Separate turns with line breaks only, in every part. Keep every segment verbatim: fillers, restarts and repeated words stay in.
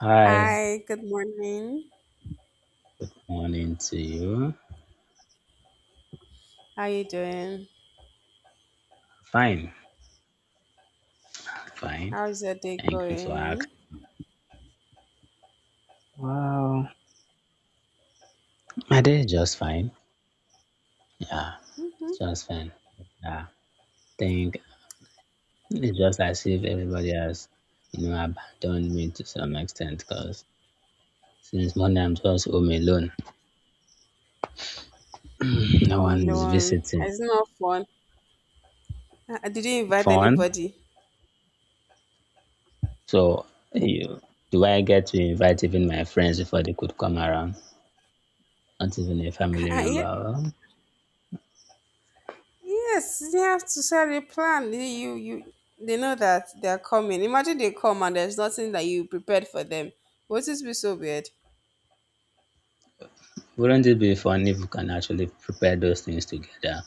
Hi,
Hi, good morning.
morning to you.
How you doing?
Fine, fine.
How's your day
Thank you for
going?
asking. Wow, my day is just fine. Yeah,
Hmm.
it's just fine. Yeah, think it's just as if everybody has, you know, abandoned me to some extent because since Monday I'm just home alone. No
Home
one is
alone.
visiting.
It's not fun. Uh, uh, did you invite
Fun.
anybody?
So, you, do I get to invite even my friends before they could come around? Not even a family
Uh, yeah,
member.
yes, you have to set a plan. You, you, you- they know that they are coming. Imagine they come and there's nothing that you prepared for them. Wouldn't What is be so weird?
Wouldn't it be fun if we can actually prepare those things together?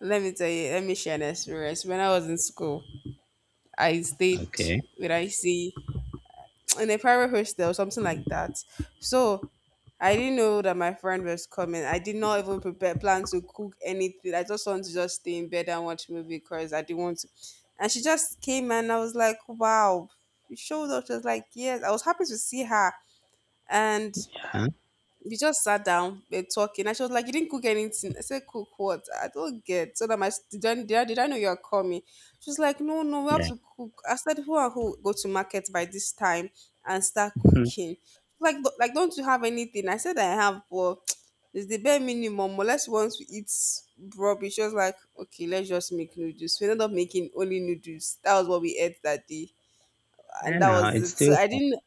Let me tell you. Let me share an experience. When I was in school, I stayed
Okay.
with I C in a private hostel, something like that. So I didn't know that my friend was coming. I did not even prepare plan to cook anything. I just wanted to just stay in bed and watch movie because I didn't want to. And she just came and I was like, wow. She showed up. She was like, yes. I was happy to see her. And
Uh-huh.
we just sat down, we're talking, and she was like, "You didn't cook anything." I said, "Cook what? I don't get. So that my did I, did I, did I know you're coming?" She was like, "No, no, we have
Yeah.
to cook." I said, "Who and who go to market by this time and start
Mhm.
cooking? Like, do- like, don't you have anything?" I said, "I have, but it's the bare minimum. Unless once we eat rubbish." She was like, "Okay, let's just make noodles." We ended up making only noodles. That was what we ate that day,
I
and that
know
was
it's
it. So
still
I
fun.
didn't.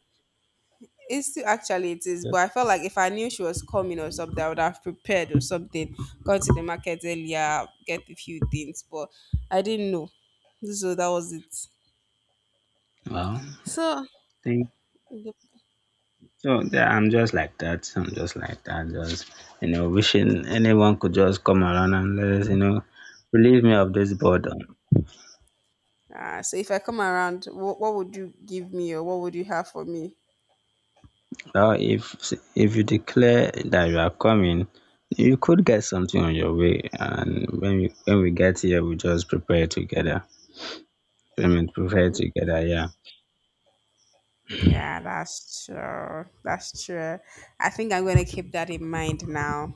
It's still actually it is, but
Yep.
I felt like if I knew she was coming or something, I would have prepared or something, gone to the market earlier, get a few things, but I didn't know. So that was it.
Well.
So
Think
yep.
so. Yeah, I'm just like that. I'm just like that. Just you know, wishing anyone could just come around and let us, you know, relieve me of this burden.
Ah, so if I come around, what, what would you give me or what would you have for me?
Well, if if you declare that you are coming, you could get something on your way, and when we when we get here, we just prepare together. I mean, prepare together. Yeah.
Yeah, that's true. That's true. I think I'm gonna keep that in mind now.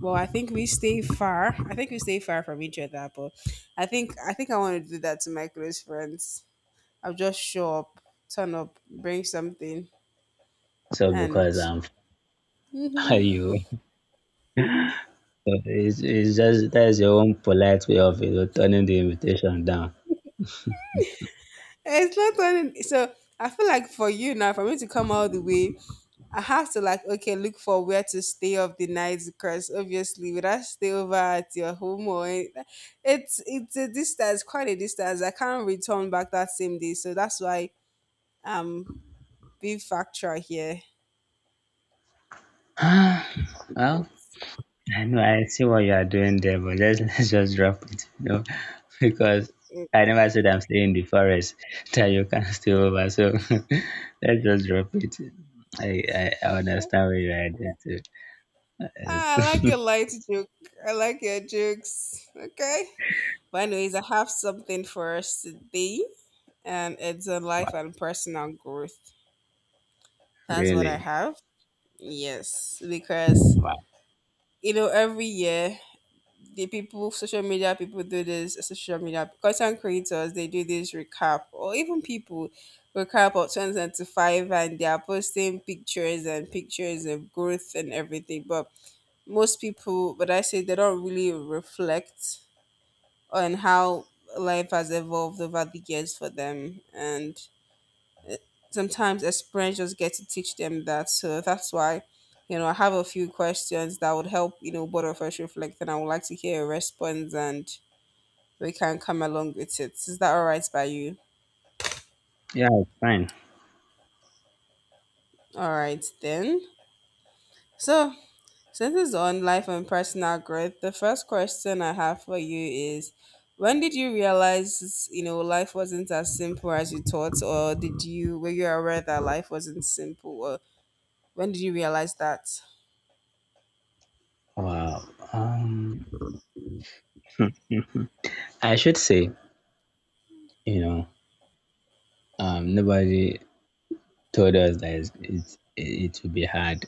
Well, I think we stay far. I think we stay far from each other, but I think I think I want to do that to my close friends. I'll just show up, turn up, bring something,
So because
and
I'm. Are you? So it's, it's just that's your own polite way of you know, turning the invitation down.
it's not turning. So I feel like for you now, for me to come all the way, I have to like okay, look for where to stay of the night because obviously, would I stay over at your home or it- it's it's a distance, quite a distance. I can't return back that same day, so that's why um big factor here.
Well,
It's,
I know I see what you are doing there, but let's let's just drop it, you know, because
it,
I never said I'm staying in the forest that you can stay over. So let's just drop it. I I, I understand where you are there too.
ah, I like your
It's-
light joke. I like your jokes. Okay. But anyways, I have something for us today, and it's a life
wow,
and personal growth. That's what I
really,
have. Yes, because
wow.
you know every year the people, social media people do this. Social media content creators they do this recap, or even people recap of twenty twenty five, and they are posting pictures and pictures of growth and everything. But most people, but I say they don't really reflect and how life has evolved over the years for them. And sometimes experience just get to teach them that. So that's why, you know, I have a few questions that would help, you know, both of us reflect and I would like to hear a response and we can come along with it. Is that all right by you?
Yeah, it's fine.
All right then. So since it's on life and personal growth, the first question I have for you is when did you realize you know life wasn't as simple as you thought, or did you, were you aware that life wasn't simple, or when did you realize that?
Wow. Um, I should say, you know, um, nobody told us that it's, it's, it will be hard.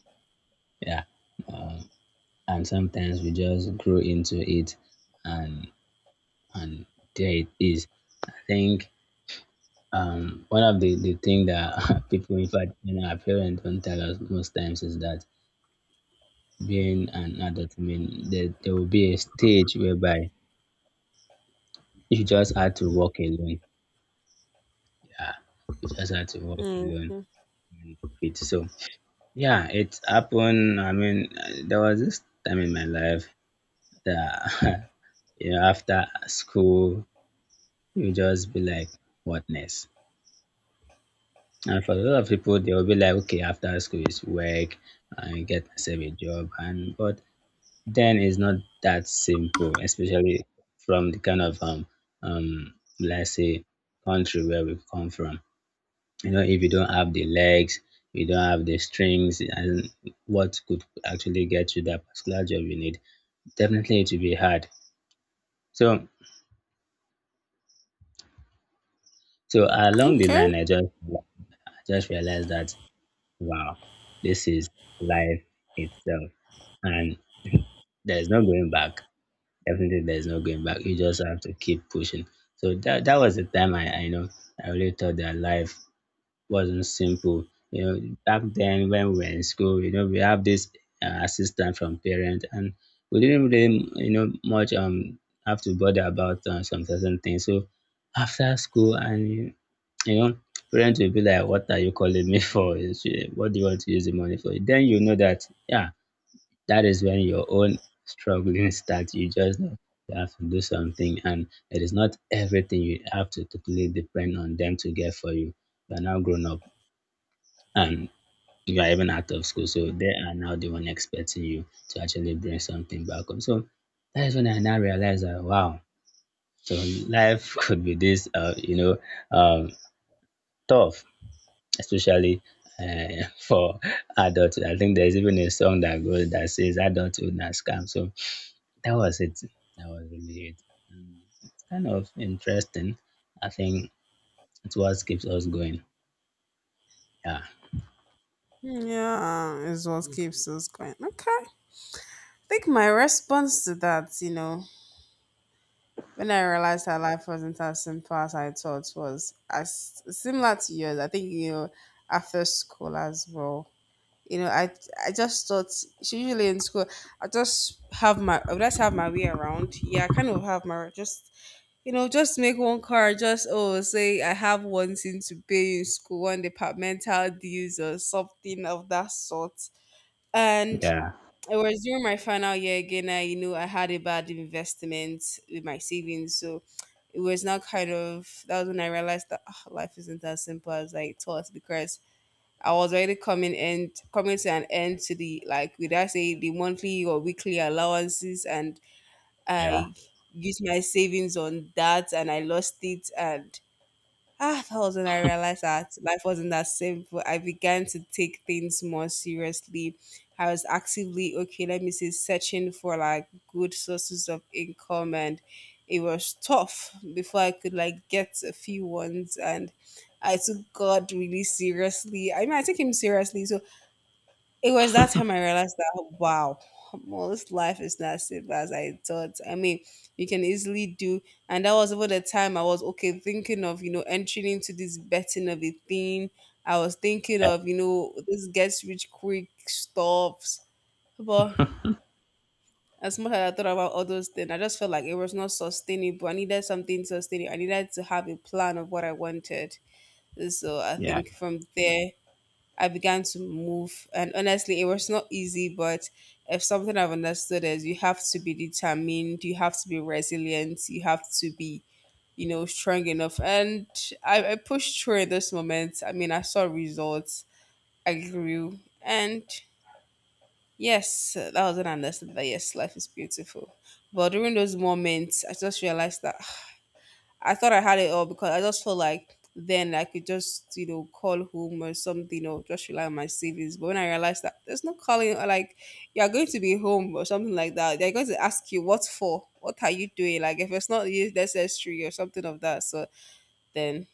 Yeah. Um, and sometimes we just grow into it and and there it is. I think um, one of the, the thing that people, in fact, you know, our parents don't tell us most times is that being an adult, I mean, there, there will be a stage whereby you just had to walk alone. Yeah. You just had to walk
Mm.
alone. With So, yeah, it happened. I mean, uh, there was this time in my life after you know, after school, you just be like, what next? And for a lot of people, they'll be like, okay, after school is work, and get myself a job, and but then it's not that simple, especially from the kind of um um let's say country where we come from. You know, if you don't have the legs, you don't have the strings, and what could actually get you that particular job you need, definitely it will be hard. So So along the
Okay.
line, I just I just realized that wow, this is life itself, and there's no going back. Definitely, there's no going back. You just have to keep pushing. So that that was the time I I know I really thought that life wasn't simple. You know, back then when we were in school, you know, we have this uh, assistant from parent, and we didn't really, you know, much um have to bother about uh, some certain things. So after school, and you you know, parents will be like, "What are you calling me for? uh, What do you want to use the money for?" Then you know that, yeah, that is when your own struggling starts. You just know you have to do something, and it is not everything you have to totally depend on them to get for you. You are now grown up and you are even out of school. So they are now the one expecting you to actually bring something back home. So that is when I now realized that wow, so life could be this, uh, you know, um, tough, especially uh, for adulthood. I think there's even a song that goes that says adulthood not scam. So that was it. That was really it. And it's kind of interesting. I think it's what keeps us going. Yeah.
Yeah, is what keeps us going. Okay. I think my response to that, you know, when I realized that life wasn't as simple as I thought was as similar to yours. I think, you know, after school as well. You know, I I just thought, so usually in school I just have my, I just have my way around. Yeah, I kind of have my just you know just make one card. Just oh say I have one thing to pay in school, one departmental dues or something of that sort. And
Yeah.
it was during my final year again. I you know I had a bad investment with my savings, so it was not kind of that was when I realized that ah, life isn't as simple as I thought because I was already coming end coming to an end to the like would I say the monthly or weekly allowances and
Yeah.
I used my savings on that and I lost it and ah, that was when I realized that life wasn't that simple. I began to take things more seriously. I was actively, okay, let me say, searching for like good sources of income, and it was tough before I could like get a few ones. And I took God really seriously. I mean, I took Him seriously. So it was that time I realized that wow, most life is not simple as I thought. I mean, you can easily do, and that was over the time I was okay thinking of you know entering into this betting of a thing. I was thinking
Yeah.
of you know this gets rich quick stuffs, but as much as I thought about all those things, I just felt like it was not sustainable. I needed something sustainable. I needed to have a plan of what I wanted. So I
Yeah.
think from there I began to move. And honestly, it was not easy, but if something I've understood is you have to be determined, you have to be resilient, you have to be, you know, strong enough. And I, I pushed through in this moment. I mean, I saw results, I grew. And yes, that was an understanding that yes, life is beautiful. But during those moments, I just realized that I thought I had it all because I just felt like then I could just, you know, call home or something or just rely on my savings. But when I realized that there's no calling, or like you're going to be home or something like that, they're going to ask you, what for? What are you doing? Like if it's not necessary or something of that. So then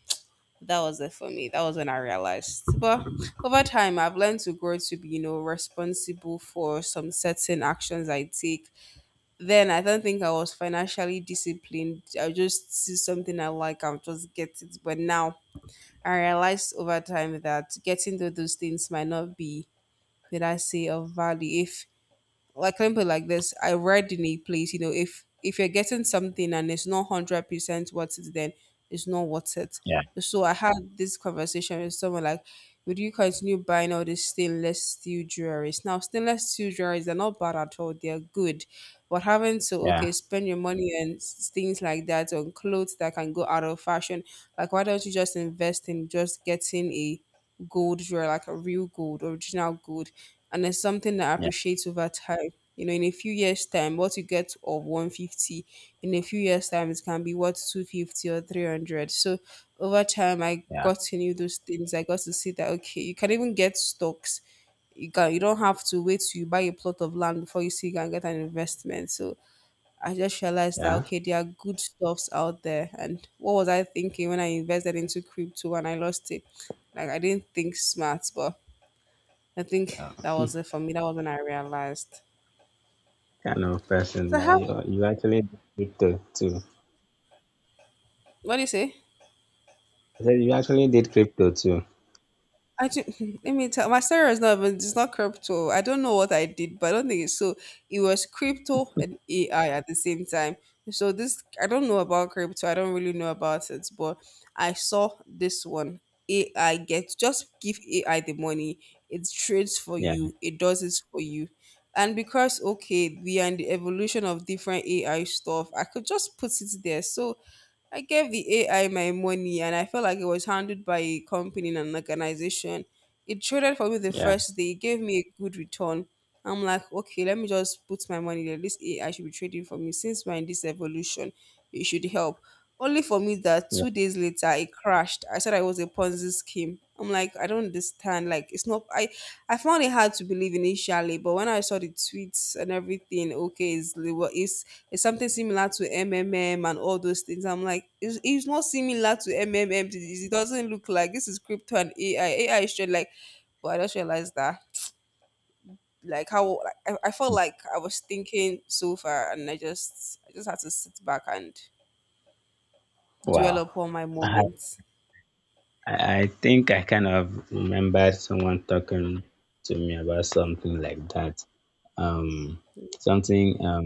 that was it for me. That was when I realized. But over time, I've learned to grow to be, you know, responsible for some certain actions I take, then I don't think I was financially disciplined. I just see something I like I'll just get it. But now I realized over time that getting to those things might not be, did I say, of value if like let me put it like this, I read in a place, you know, if if you're getting something and it's not one hundred percent worth it, then it's not worth it.
Yeah.
So I had this conversation with someone like, would you continue buying all this stainless steel jewelries? Now stainless steel jewelries they're not bad at all, they're good, but having to okay
Yeah.
spend your money and s- things like that on clothes that can go out of fashion, like why don't you just invest in just getting a gold jewelry, like a real gold, original gold, and it's something that
Yeah.
appreciates over time. You know, in a few years' time, what you get of one hundred fifty, in a few years' time, it can be worth two hundred fifty or three hundred. So over time, I
Yeah.
got to know those things. I got to see that, okay, you can even get stocks. You, can, you don't have to wait till you buy a plot of land before you see you can get an investment. So I just realized that,
Yeah,
okay, there are good stuffs out there. And what was I thinking when I invested into crypto and I lost it? Like, I didn't think smart, but I think
yeah.
that was it for me. That was when I realized.
Kind of person
So
that
how?
you you actually did crypto too.
What do you say?
I said you actually did crypto too.
I ju- let me tell. My story is not even. It's not crypto. I don't know what I did, but I don't think it's so. It was crypto and A I at the same time. So this, I don't know about crypto. I don't really know about it, but I saw this one. A I get just give A I the money. It trades for
Yeah,
you. It does it for you. And because okay, we are in the evolution of different A I stuff, I could just put it there. So I gave the A I my money and I felt like it was handled by a company and an organization. It traded for me the
yeah,
first day, it gave me a good return. I'm like, okay, let me just put my money there. This A I should be trading for me. Since we're in this evolution, it should help. Only for me that
yeah.
two days later it crashed. I said I was a Ponzi scheme. I'm like, I don't understand. Like it's not I I found it hard to believe initially, but when I saw the tweets and everything, okay, it's, it's it's something similar to M M M and all those things. I'm like, it's, it's not similar to M M M. It doesn't look like this is crypto and A I. A I is straight like, but I just realized that like how like I, I felt like I was thinking so far, and I just I just had to sit back and dwell
Wow.
upon my
I
moments.
I I think I kind of remembered someone talking to me about something like that. Um, something um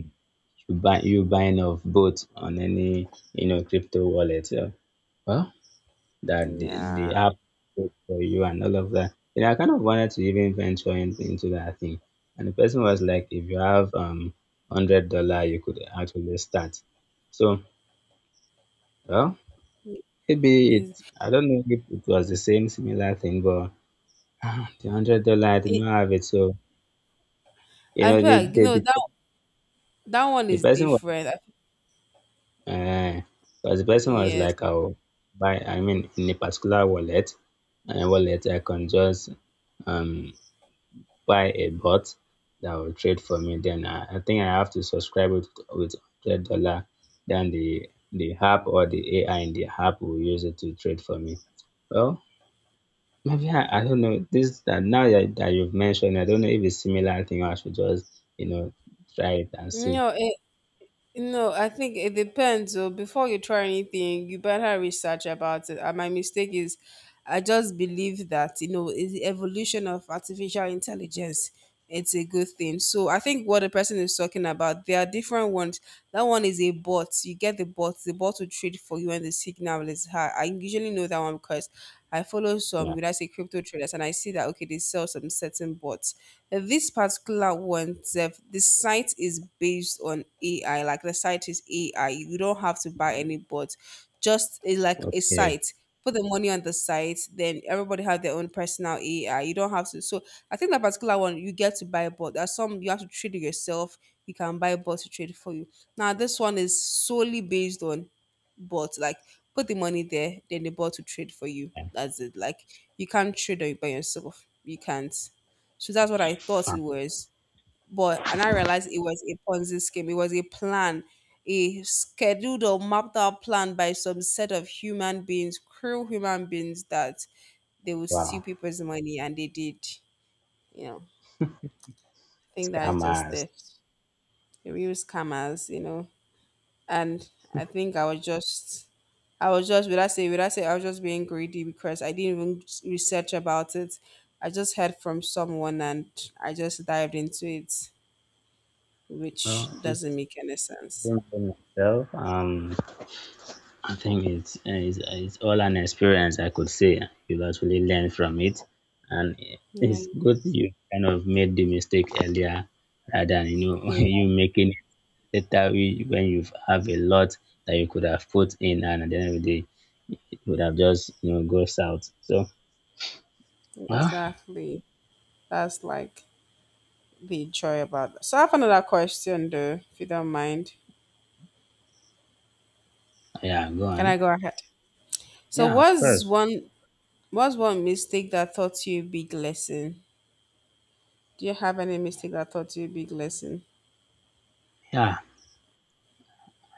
you buy you buying of both on any you know crypto wallet. Yeah. Well, that the, the
Yeah.
app did for you and all of that. You know, I kind of wanted to even venture in, into that thing. And the person was like, if you have um hundred dollar, you could actually start. So well, maybe it.
Yes.
I don't know if it was the same similar thing, but ah, the hundred dollar I did
It,
not have it. So you
I
know,
feel
the
like you
the,
know
the,
that that one
the
is
person was
different. I,
uh, was the person was
yes,
like, I'll buy. I mean, in a particular wallet, a wallet I can just um buy a bot that will trade for me. Then I, I think I have to subscribe with with hundred dollar. Then the the app or the A I in the app will use it to trade for me. Well, maybe I, I don't know this that now that, that you've mentioned. I don't know if it's similar thing. Or I should just you know try it and see.
no. No, I think it depends. So before you try anything, you better research about it. And my mistake is, I just believe that you know is the evolution of artificial intelligence. It's a good thing. So I think what the person is talking about, there are different ones. That one is a bot. You get get the bot, the bot will trade for you when the signal is high. I usually know that one because I follow some,
Yeah.
when I say crypto traders, and I see that, okay, they sell some certain bots. And this particular one, Zef, the site is based on A I, like the site is A I. You don't have to buy any bots, just a, like a
Okay.
site. Put the money on the site, then everybody have their own personal A I. You don't have to. So I think that particular one, you get to buy bot. There's some you have to trade it yourself. You can buy bot to trade for you. Now this one is solely based on bot. Like put the money there, then the bot will trade for you. That's it. Like you can't trade on- by yourself. You can't. So that's what I thought
Yeah.
it was. But and I realized it was a Ponzi scheme. It was a plan, a scheduled or mapped out plan by some set of human beings, cruel human beings that they would steal
Wow.
people's money and they did. You know, I think that's just
Scammers.
theft. The real scammers, you know. And I think I was just, I was just, would I say, would I say, I was just being greedy because I didn't even research about it. I just heard from someone and I just dived into it, which
Well,
doesn't
it's
make any sense.
been myself. Um. I think it's, it's it's all an experience. I could say you've actually learned from it, and
Yeah,
it's good you kind of made the mistake earlier rather than you know
yeah,
you making it later we- when you have a lot that you could have put in, and at the end of the day, it would have just you know goes out. So well,
exactly. That's like the joy about that. So I have another question though, if you don't mind.
yeah, go
Can I
on.
go ahead? So
Yeah, of
what's
course.
one what's one mistake that taught you a big lesson? Do you have any mistake that taught you a big lesson?
Yeah,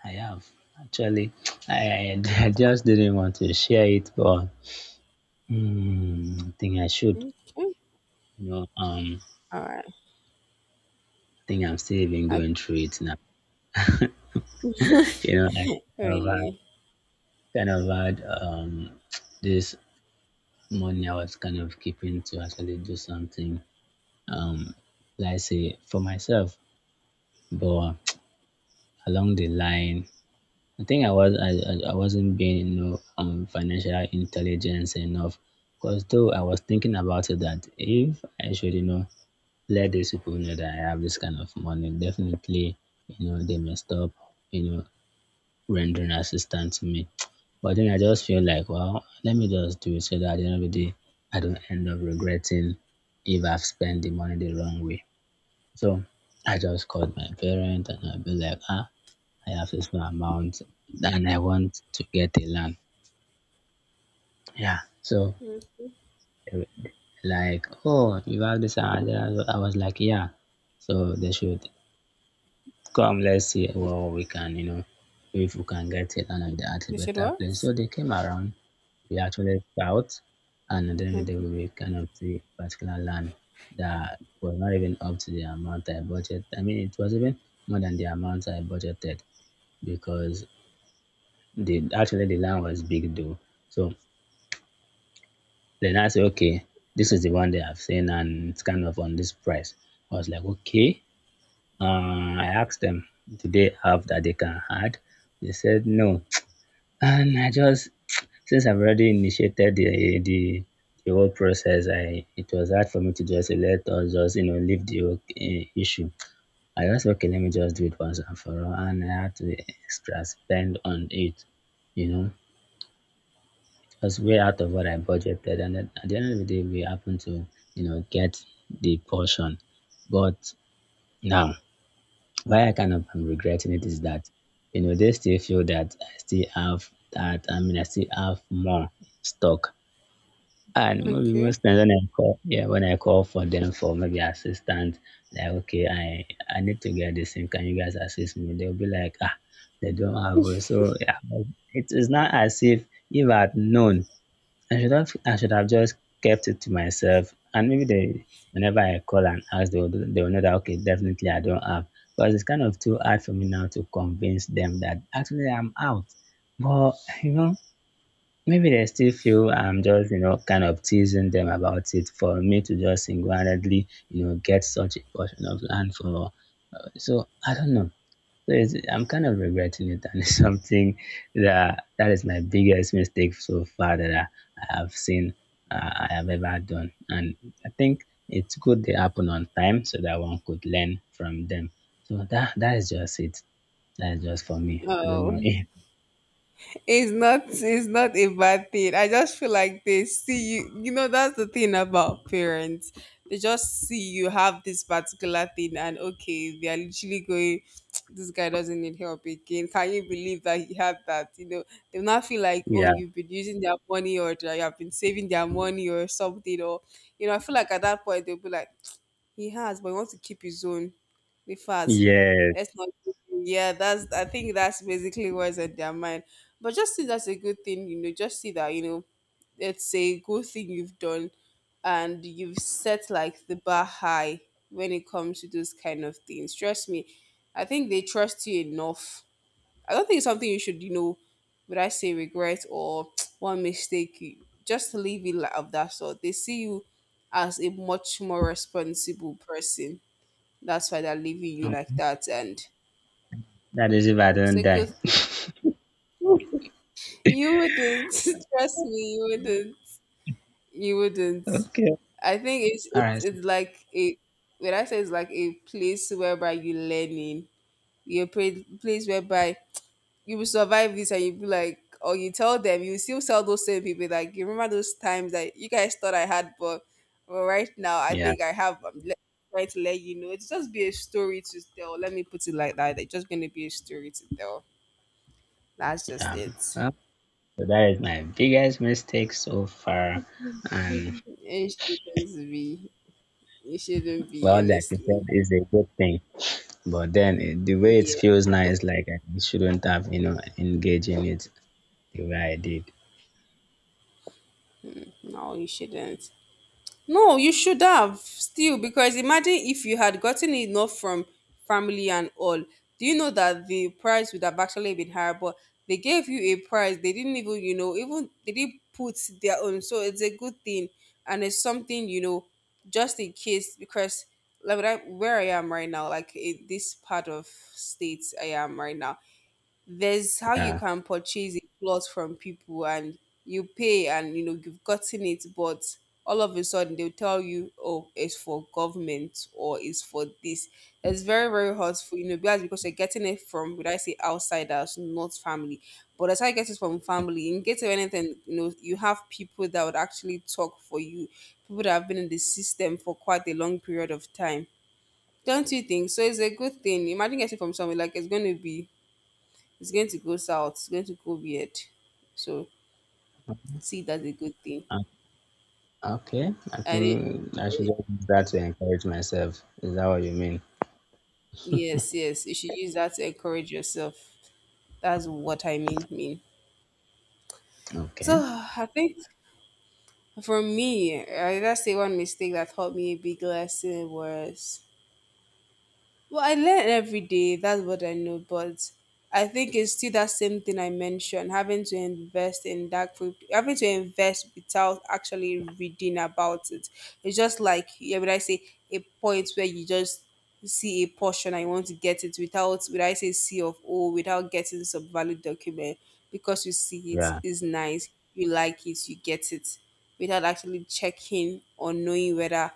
I have actually. I, I just didn't want to share it, but mm, I think I should.
Okay.
You know, um,
All right.
think I'm still even
I,
going through it now. You know, I kind of had,
really?
kind of had um, this money I was kind of keeping to actually do something, um, let's say for myself. But along the line, I think I was I, I I wasn't being you know um, financial intelligence enough. Because though I was thinking about it that if I should you know let these people know that I have this kind of money, definitely you know they may stop you know rendering assistance to me. But then I just feel like, well, let me just do it so that at the end of the day, I don't end up regretting if I've spent the money the wrong way. So I just called my parent and I'll be like, ah, I have this amount and I want to get a land. Yeah. So
Okay.
they were like, oh, you have this amount. I was like, yeah. So they should come, let's see what we can, you know, if we can get it and at a
You said
better place. So
what?
they came around, we actually scout, and at the end of the day,
Okay.
we kind of see particular land that was not even up to the amount I budgeted. I mean, it was even more than the amount I budgeted because the actually the land was big though. So then I say, okay, this is the one they have seen, and it's kind of on this price. I was like, okay, Uh, I asked them, do they have that they can add? They said no. And I just, since I've already initiated the the, the whole process, I it was hard for me to just say, let us just you know leave the whole eh, issue. I just okay, let me just do it once and for all, and I had to extra spend on it. You know, it was way out of what I budgeted, and at at the end of the day, we happened to you know get the portion, but now why I kind of am regretting it is that, you know, they still feel that I still have that. I mean, I still have more in stock. And maybe
Okay.
most times when I call, yeah, when I call for them for maybe assistance, like, okay, I I need to get this thing. Can you guys assist me? They'll be like, ah, they don't have it. So yeah, it is not as if if I had known I should have I should have just kept it to myself and maybe they whenever I call and ask they will, they will know that okay definitely I don't have because it's kind of too hard for me now to convince them that actually I'm out but you know maybe they still feel I'm just you know kind of teasing them about it for me to just single-handedly you know get such a portion of land for so I don't know so it's, I'm kind of regretting it, and it's something that that is my biggest mistake so far that I, I have seen uh, I have ever done. And I think it's good they happen on time so that one could learn from them. So that that is just it. That is just for me. I don't
Oh,
know.
it's not. It's not a bad thing. I just feel like they see you. You know, that's the thing about parents. They just see you have this particular thing, and okay, they are literally going. This guy doesn't need help again. Can you believe that he had that? You know, they will not feel like oh,
Yeah.
you've been using their money or that you have been saving their money or something. Or you know, I feel like at that point they'll be like, he has, but he wants to keep his own. Be fast.
Yeah.
Let's not. Yeah, that's. I think that's basically what's in their mind. But just see that's a good thing, you know. Just see that, you know, it's a good thing you've done, and you've set like the bar high when it comes to those kind of things. Trust me, I think they trust you enough. I don't think it's something you should, you know, would I say regret or one mistake. You just leave it like of that sort. They see you as a much more responsible person. That's why they're leaving you like that, and
That is if I
it's
don't
a
die.
good thing. You wouldn't trust me. You wouldn't. You wouldn't.
Okay.
I think it's
All
it's,
right.
it's like a when I say it's like a place whereby you're learning, you're a pra- place whereby you will survive this and you be like or you tell them you still tell those same people like you remember those times that you guys thought I had but well, right now I
Yeah.
think I have I'm le- trying to let you know, it's just be a story to tell. Let me put it like that. It's just gonna be a story to tell. That's just
Yeah.
it.
Uh, So that is my biggest mistake so far, and
It shouldn't be It shouldn't be,
well, like you
honestly.
said, it's a good thing. But then it, the way it
Yeah,
feels now is like I shouldn't have, you know, engaged in it the way I did.
no you shouldn't. No, you should have still, because imagine if you had gotten enough from family and all. Do you know that the price would have actually been higher? But they gave you a price. They didn't even, you know, even they didn't put their own. So it's a good thing, and it's something you know, just in case, because like where I where I am right now, like in this part of states I am right now, there's how you
Yeah.
can purchase a plot from people and you pay and you know you've gotten it, but all of a sudden they'll tell you oh it's for government or it's for this. It's very very hurtful, you know, because because you're getting it from would I say outsiders, not family. But as I get it from family in case of anything, you know, you have people that would actually talk for you, people that have been in the system for quite a long period of time. Don't you think so? It's a good thing. Imagine getting from someone, like it's going to be it's going to go south. It's going to go weird. So see that's a good thing.
Uh, Okay. I
And it,
think I should
it
just use that to encourage myself. Is that what you mean?
Yes, yes, you should use that to encourage yourself. That's what I mean. Mean. So
Okay.
I think for me, I just say one mistake that taught me a big lesson was, well, I learn every day. That's what I know. But I think it's still that same thing I mentioned, having to invest in that group, having to invest without actually reading about it. It's just like, yeah, would I say a point where you just see a portion and you want to get it without, would I say C of O, without getting some valid document, because you see it
Yeah.
is nice, you like it, you get it without actually checking or knowing whether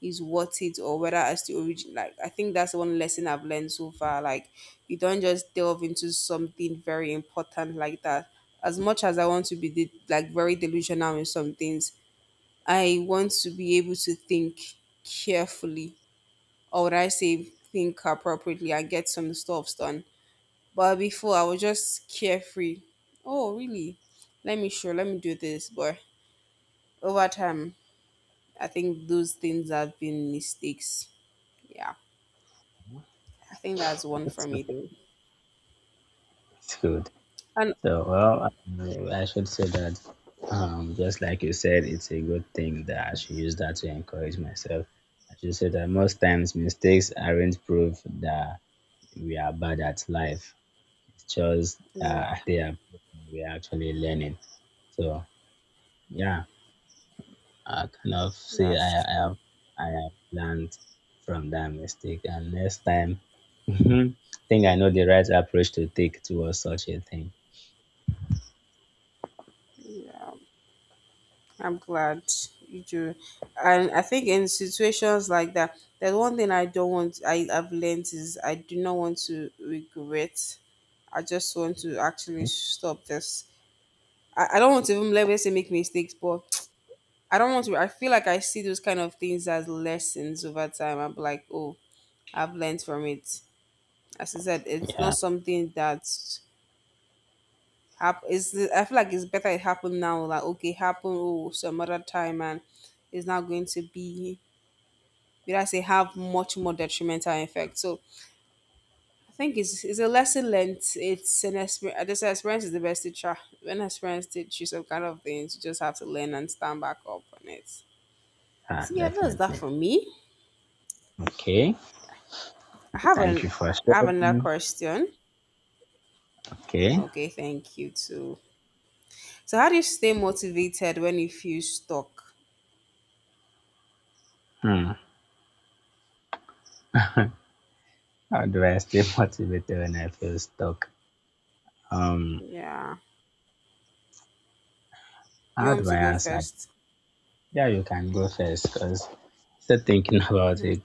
is worth it or whether I the origin like I think that's one lesson I've learned so far. Like you don't just delve into something very important like that. As much as I want to be de- like very delusional in some things, I want to be able to think carefully or would I say think appropriately and get some stuff done. But before I was just carefree. Oh really? Let me sure, let me do this. But over time I think those things have been mistakes. Yeah. I think that's one for
That's,
me though.
that's good.
And
So, well, I, I should say that, um, just like you said, it's a good thing that I should use that to encourage myself. I should say that most times mistakes aren't proof that we are bad at life. It's just
yeah,
that they are we are actually learning. So yeah, I kind of see
that's
I I
true.
have I have learned from that mistake, and next time, I think I know the right approach to take towards such a thing.
Yeah, I'm glad you do. And I think in situations like that, there's one thing I don't want. I have learned is I do not want to regret. I just want to actually stop this. I, I don't want to even let me say make mistakes, but I don't want to. I feel like I see those kind of things as lessons over time. I'm like, oh, I've learned from it. As I said, it's not
Yeah,
something that Hap- it's, the- I feel like it's better it happened now. Like, okay, happen oh, some other time, and it's not going to be, did I say, have much more detrimental effect. So I think it's, it's a lesson learned. It's an experience. I this experience is the best teacher. When experience teaches you some kind of things, you just have to learn and stand back up on it.
ah,
So yeah, that's that
definitely.
for me.
Okay,
I have
thank
an
you for
I have another
sharing.
question.
Okay,
Okay, thank you too. So how do you stay motivated when you feel stuck?
hmm. How do I stay motivated when I feel stuck? Um,
Yeah. You
how
want me
do
to
I
go
answer?
first?
Yeah, you can go first because still thinking about
Hmm.
it.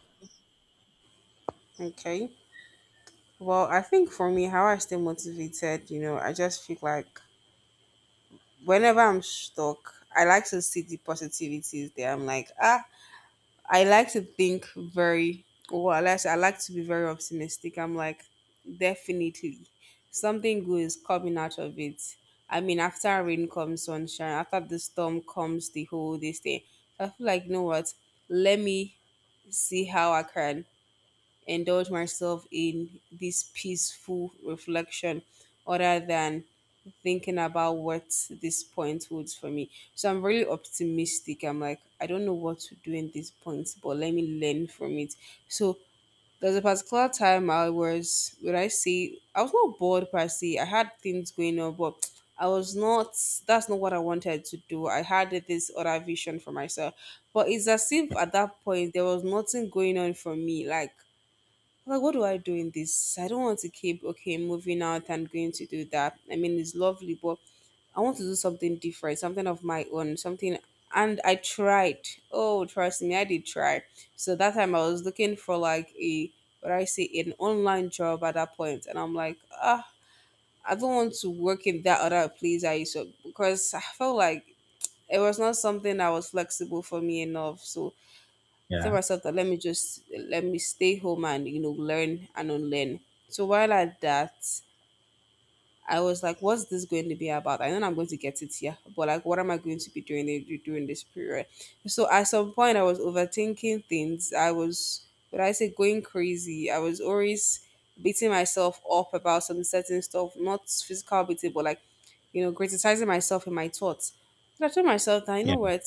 Okay. Well, I think for me, how I stay motivated, you know, I just feel like whenever I'm stuck, I like to see the positivities there. I'm like, ah, I like to think very, well, I like, I like to be very optimistic. I'm like, definitely something good is coming out of it. I mean, after rain comes sunshine, after the storm comes the whole this thing. So I feel like, you know what? Let me see how I can indulge myself in this peaceful reflection other than thinking about what this point holds for me. So I'm really optimistic. I'm like, I don't know what to do in this point, but let me learn from it. So there's a particular time I was, would I say, I was not bored per se. I had things going on, but I was not, that's not what I wanted to do. I had this other vision for myself. But it's as if at that point there was nothing going on for me. Like, like, what do I do in this? I don't want to keep, okay, moving out and going to do that. I mean, it's lovely, but I want to do something different, something of my own, something. And I tried. Oh, trust me, I did try. So that time I was looking for like a, what I say, an online job at that point. And I'm like, ah, I don't want to work in that other place I used to, because I felt like it was not something that was flexible for me enough. So I told
Yeah.
myself that let me just let me stay home and you know learn and unlearn. So while at that, I was like, what's this going to be about? I know I'm going to get it here, but like, what am I going to be doing in- during this period? So at some point, I was overthinking things. I was, would I say, going crazy. I was always beating myself up about some certain stuff, not physical beating, but like, you know, criticizing myself in my thoughts. And I told myself that, you
Yeah.
know what?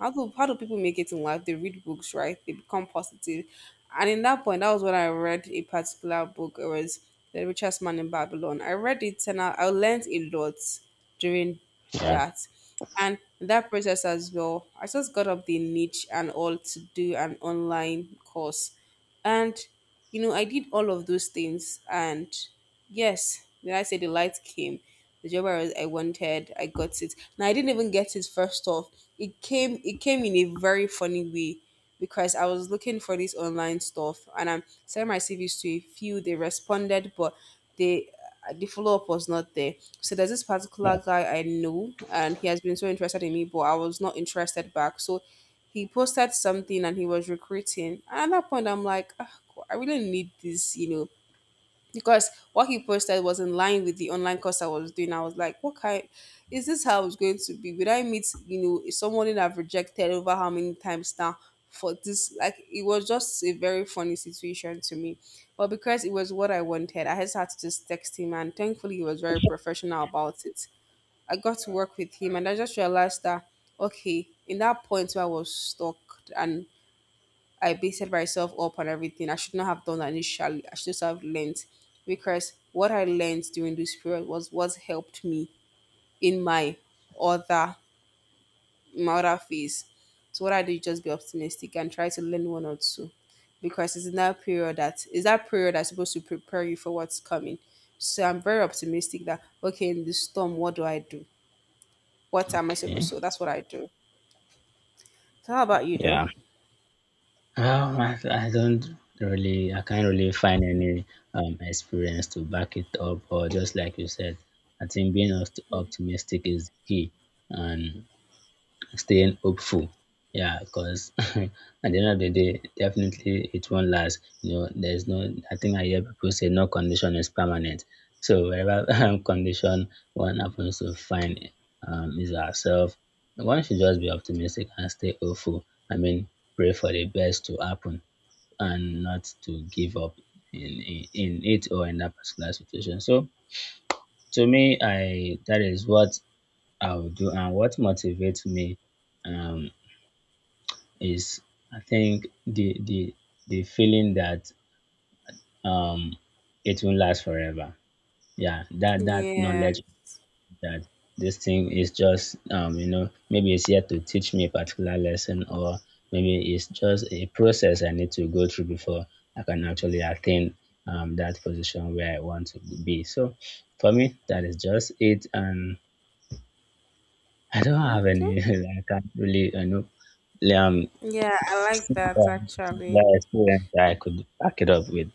How do, how do people make it in life? They read books, right? They become positive. And in that point, that was when I read a particular book. It was The Richest Man in Babylon. I read it and I, I learned a lot during
Yeah,
that. And in that process as well, I just got up the niche and all to do an online course. And, you know, I did all of those things. And yes, when I say the light came, the job I, was, I wanted, I got it. Now, I didn't even get it first off. It came, it came in a very funny way because I was looking for this online stuff and I'm sending my C Vs to a few. They responded, but they the follow up was not there. So there's this
yeah.
particular guy I know, and he has been so interested in me, but I was not interested back. So he posted something and he was recruiting. And at that point, I'm like, "Ah, God, I really need this, you know, because what he posted was in line with the online course I was doing. I was like, what kind is this how it's going to be? Would I meet, you know, someone that I've rejected over how many times now for this? Like, it was just a very funny situation to me. But because it was what I wanted, I just had to just text him, and thankfully, he was very professional about it. I got to work with him, and I just realized that, okay, in that point where I was stuck and I beated myself up on everything. I should not have done that initially. I should just have learned because what I learned during this period was what helped me in my other in my other phase. So what I did just be optimistic and try to learn one or two. Because it's in that period that is that period that's supposed to prepare you for what's coming. So I'm very optimistic that okay, in this storm, what do I do? What am I supposed
Okay.
to? So that's what I do. So how about you though?
Yeah. Um, I, I don't really, I can't really find any um experience to back it up, or just like you said, I think being opt- optimistic is key, and staying hopeful. Yeah, because at the end of the day, definitely it won't last. You know, there's no, I think I hear people say no condition is permanent. So wherever um, condition one happens to find um, is ourselves, one should just be optimistic and stay hopeful. I mean, pray for the best to happen and not to give up in, in, in it or in that particular situation. So to me, I that is what I would do and what motivates me um is I think the the the feeling that um it won't last forever. Yeah, that that
Yeah.
knowledge that this thing is just um you know maybe it's here to teach me a particular lesson or maybe it's just a process I need to go through before I can actually attain um that position where I want to be. So for me, that is just it, and I don't have any. I can't really you know um
Yeah, I like that
similar,
actually.
similar experience that I could back it up with.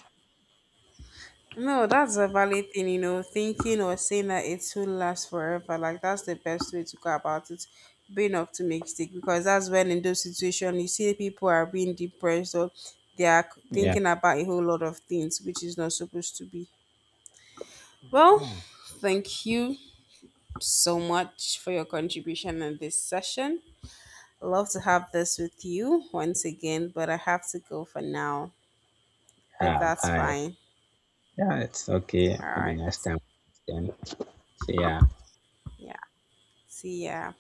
No, that's a valid thing, you know, thinking or saying that it will last forever. Like that's the best way to go about it. Being optimistic because that's when in those situations you see people are being depressed or they are
Yeah,
thinking about a whole lot of things which is not supposed to be. Well,
yeah,
thank you so much for your contribution in this session. Love to have this with you once again, but I have to go for now. Hope
yeah.
that's
Bye.
fine.
Yeah, it's okay.
All
Maybe
right.
next time. Then, so yeah.
Yeah. See ya.